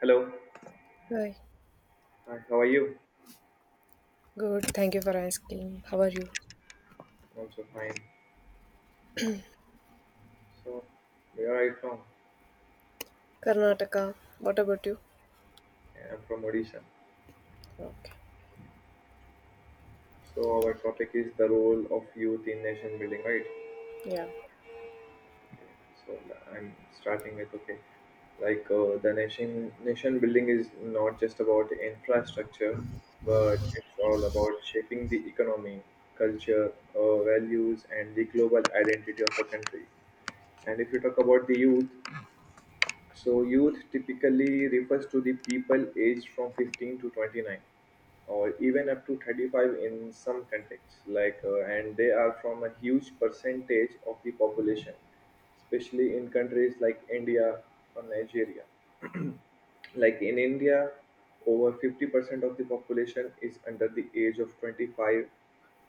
Hello, Hi. hi, how are you? Good. Thank you for asking. How are you? I'm also fine. So, where are you from? Karnataka. What about you? Yeah, I'm from Odisha. Okay. So, our topic is the role of youth in nation building, right? Yeah. So, I'm starting with okay, like the nation building is not just about infrastructure, but it's all about shaping the economy, culture, values, and the global identity of a country. And if you talk about the youth, so youth typically refers to the people aged from 15 to 29, or even up to 35 in some contexts. And they are from a huge percentage of the population, especially in countries like India or Nigeria. Like in India, over 50% of the population is under the age of 25.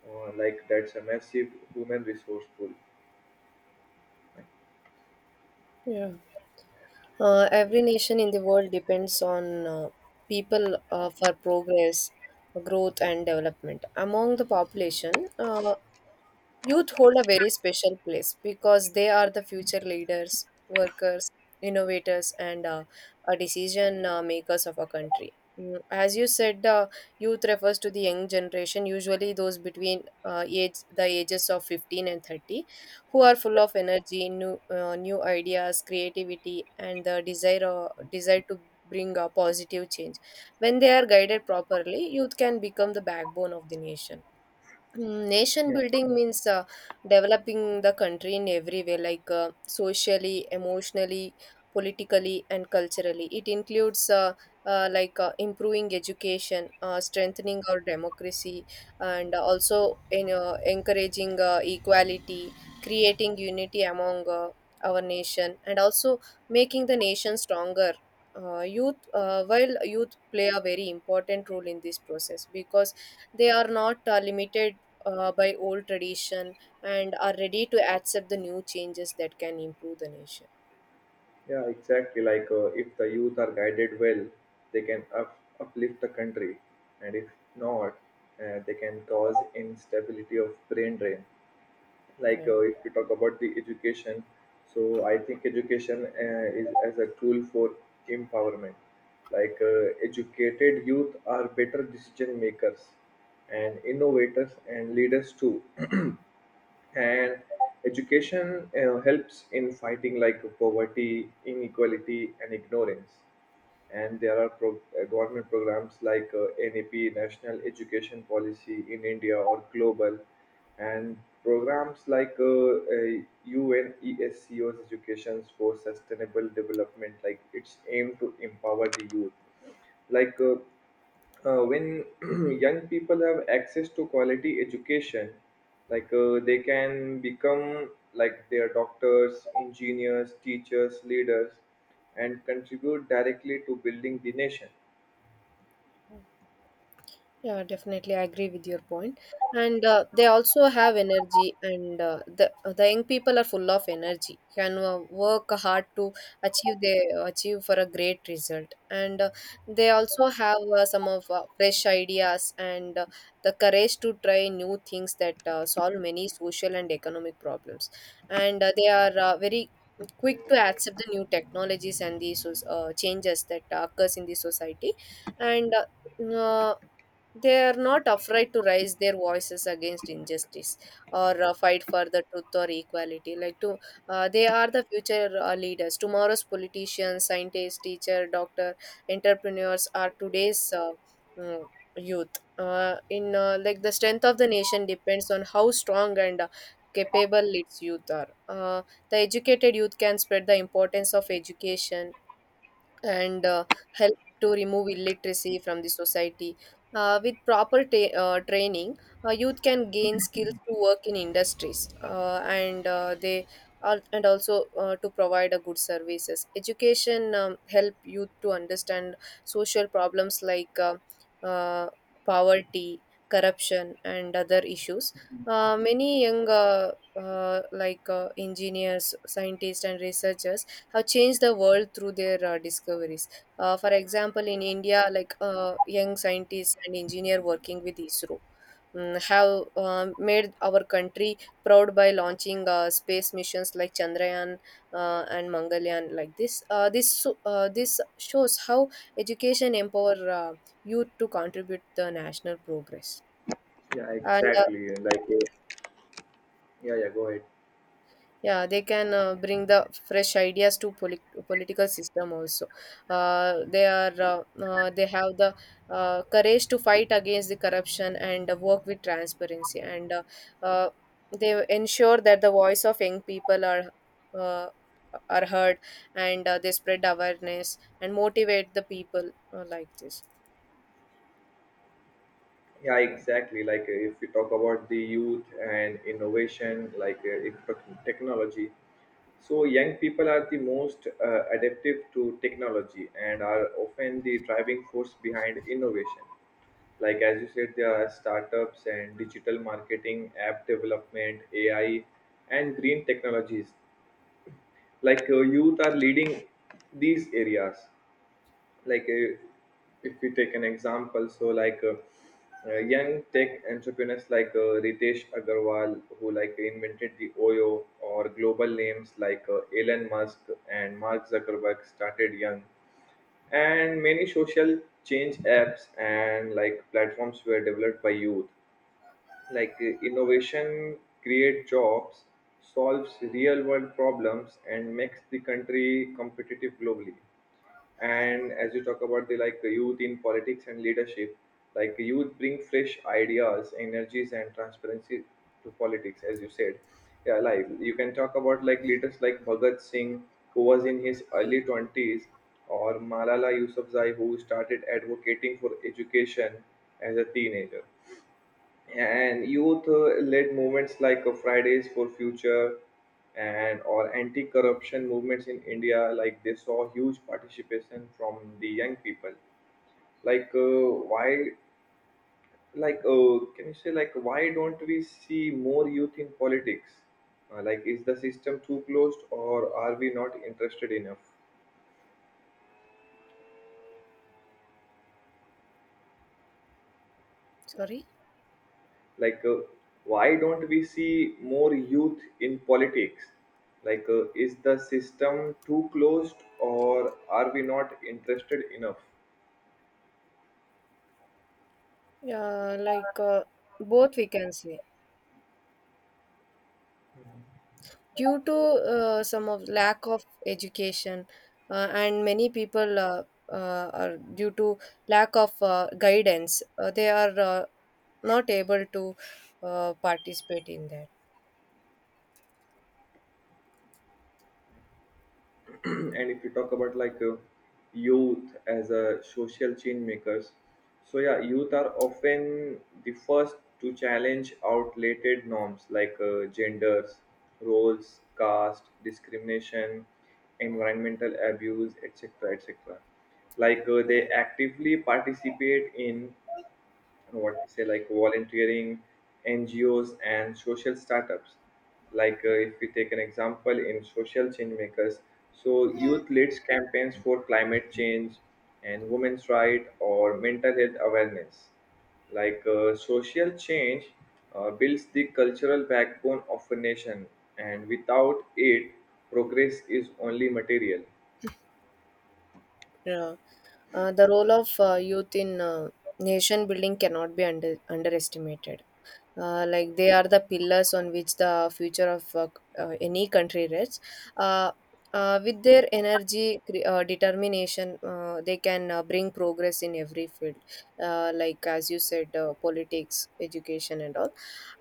Like that's a massive human resource pool. Yeah. Every nation in the world depends on people for progress, growth, and development. Among the population, youth hold a very special place because they are the future leaders, workers, innovators, and decision makers of a country. As you said, youth refers to the young generation, usually those between age the ages of 15 and 30, who are full of energy, new ideas, creativity, and the desire to bring a positive change. When they are guided properly, youth can become the backbone of the nation. Nation Yeah. building means developing the country in every way, like socially, emotionally, politically, and culturally. It includes improving education, strengthening our democracy, and also encouraging equality, creating unity among our nation, and also making the nation stronger. While youth play a very important role in this process because they are not limited by old tradition and are ready to accept the new changes that can improve the nation. Yeah, exactly. If the youth are guided well, they can uplift the country, and if not, they can cause instability of brain drain. Yeah. If you talk about the education, so I think education is as a tool for empowerment. Educated youth are better decision makers, and innovators and leaders too, and education helps in fighting like poverty, inequality, and ignorance. And there are government programs like NAP, national education policy in India, or global and programs like UNESCO's Education for Sustainable Development. Like it's aim to empower the youth. Like uh, when young people have access to quality education, they can become like their doctors, engineers, teachers, leaders, and contribute directly to building the nation. Yeah, definitely, I agree with your point. And they also have energy, and the young people are full of energy. Can work hard to achieve they achieve for a great result, and they also have some of fresh ideas and the courage to try new things that solve many social and economic problems. And they are very quick to accept the new technologies and the changes that occurs in the society, and. uh, they are not afraid to raise their voices against injustice or fight for the truth or equality like to they are the future leaders, tomorrow's politicians, scientists, teacher, doctor, entrepreneurs are today's mm, youth. Uh, in uh, like the strength of the nation depends on how strong and capable its youth are. The educated youth can spread the importance of education and help to remove illiteracy from the society. With proper training, youth can gain skills to work in industries and also to provide a good services. Education help youth to understand social problems like uh, poverty, corruption, and other issues. Many young engineers, scientists, and researchers have changed the world through their discoveries. For example, in India, young scientists and engineer working with ISRO have made our country proud by launching space missions like Chandrayaan and Mangalyaan. Like this, this shows how education empower youth to contribute the national progress. Yeah, And exactly. Yeah, yeah, go ahead. yeah, they can bring the fresh ideas to political system also. They are they have the courage to fight against the corruption and work with transparency, and uh, they ensure that the voice of young people uh, are heard, and they spread awareness and motivate the people like this. Yeah, Yeah, exactly. If we talk about the youth and innovation, like if tech- technology, so young people are the most adaptive to technology and are often the driving force behind innovation. Like as you said, there are startups and digital marketing, app development, AI, and green technologies. Youth are leading these areas. like uh, if we take an example, so young tech entrepreneurs like Ritesh Agarwal, who like invented the Oyo, or global names like Elon Musk and Mark Zuckerberg started young, and many social change apps and like platforms were developed by youth. Innovation create jobs, solves real world problems, and makes the country competitive globally. And as you talk about the like youth in politics and leadership, like youth bring fresh ideas, energies, and transparency to politics. As you said, yeah, like you can talk about like leaders like Bhagat Singh, who was in his early 20s, or Malala Yousafzai, who started advocating for education as a teenager. And youth led movements like Fridays for Future, and or anti-corruption movements in India, like they saw huge participation from the young people. Like uh, why like uh, can you say like why don't we see more youth in politics? Like is the system too closed, or are we not interested enough? sorry. like uh, why don't we see more youth in politics? Is the system too closed, or are we not interested enough? Yeah, both we can say. Due to some of lack of education and many people are due to lack of guidance. They are not able to participate in that. And if you talk about youth as a social change makers, so yeah, youth are often the first to challenge outdated norms like genders, roles, caste discrimination, environmental abuse, etc., etc. They actively participate in what we say, like volunteering, NGOs, and social startups. If we take an example in social change makers, so youth leads campaigns for climate change and women's right, or mental health awareness. Social change builds the cultural backbone of a nation, and without it, progress is only material. uh, the role of youth in nation building cannot be underestimated. Like they are the pillars on which the future of any country rests. Uh, with their energy, determination, they can bring progress in every field, like as you said, politics, education, and all.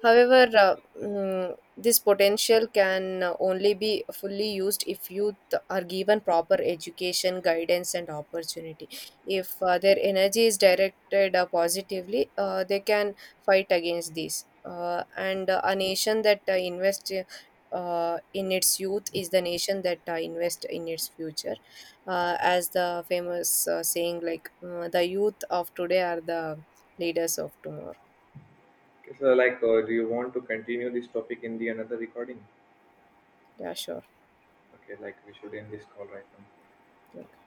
However, this potential can only be fully used if youth are given proper education, guidance, and opportunity. If their energy is directed positively, they can fight against this. And a nation that invests in its youth is the nation that invests in its future. As the famous saying, like, the youth of today are the leaders of tomorrow. Okay, so Yeah, do you want to continue this topic in the another recording? yeah, sure. Okay, like we should end this call right now. Okay.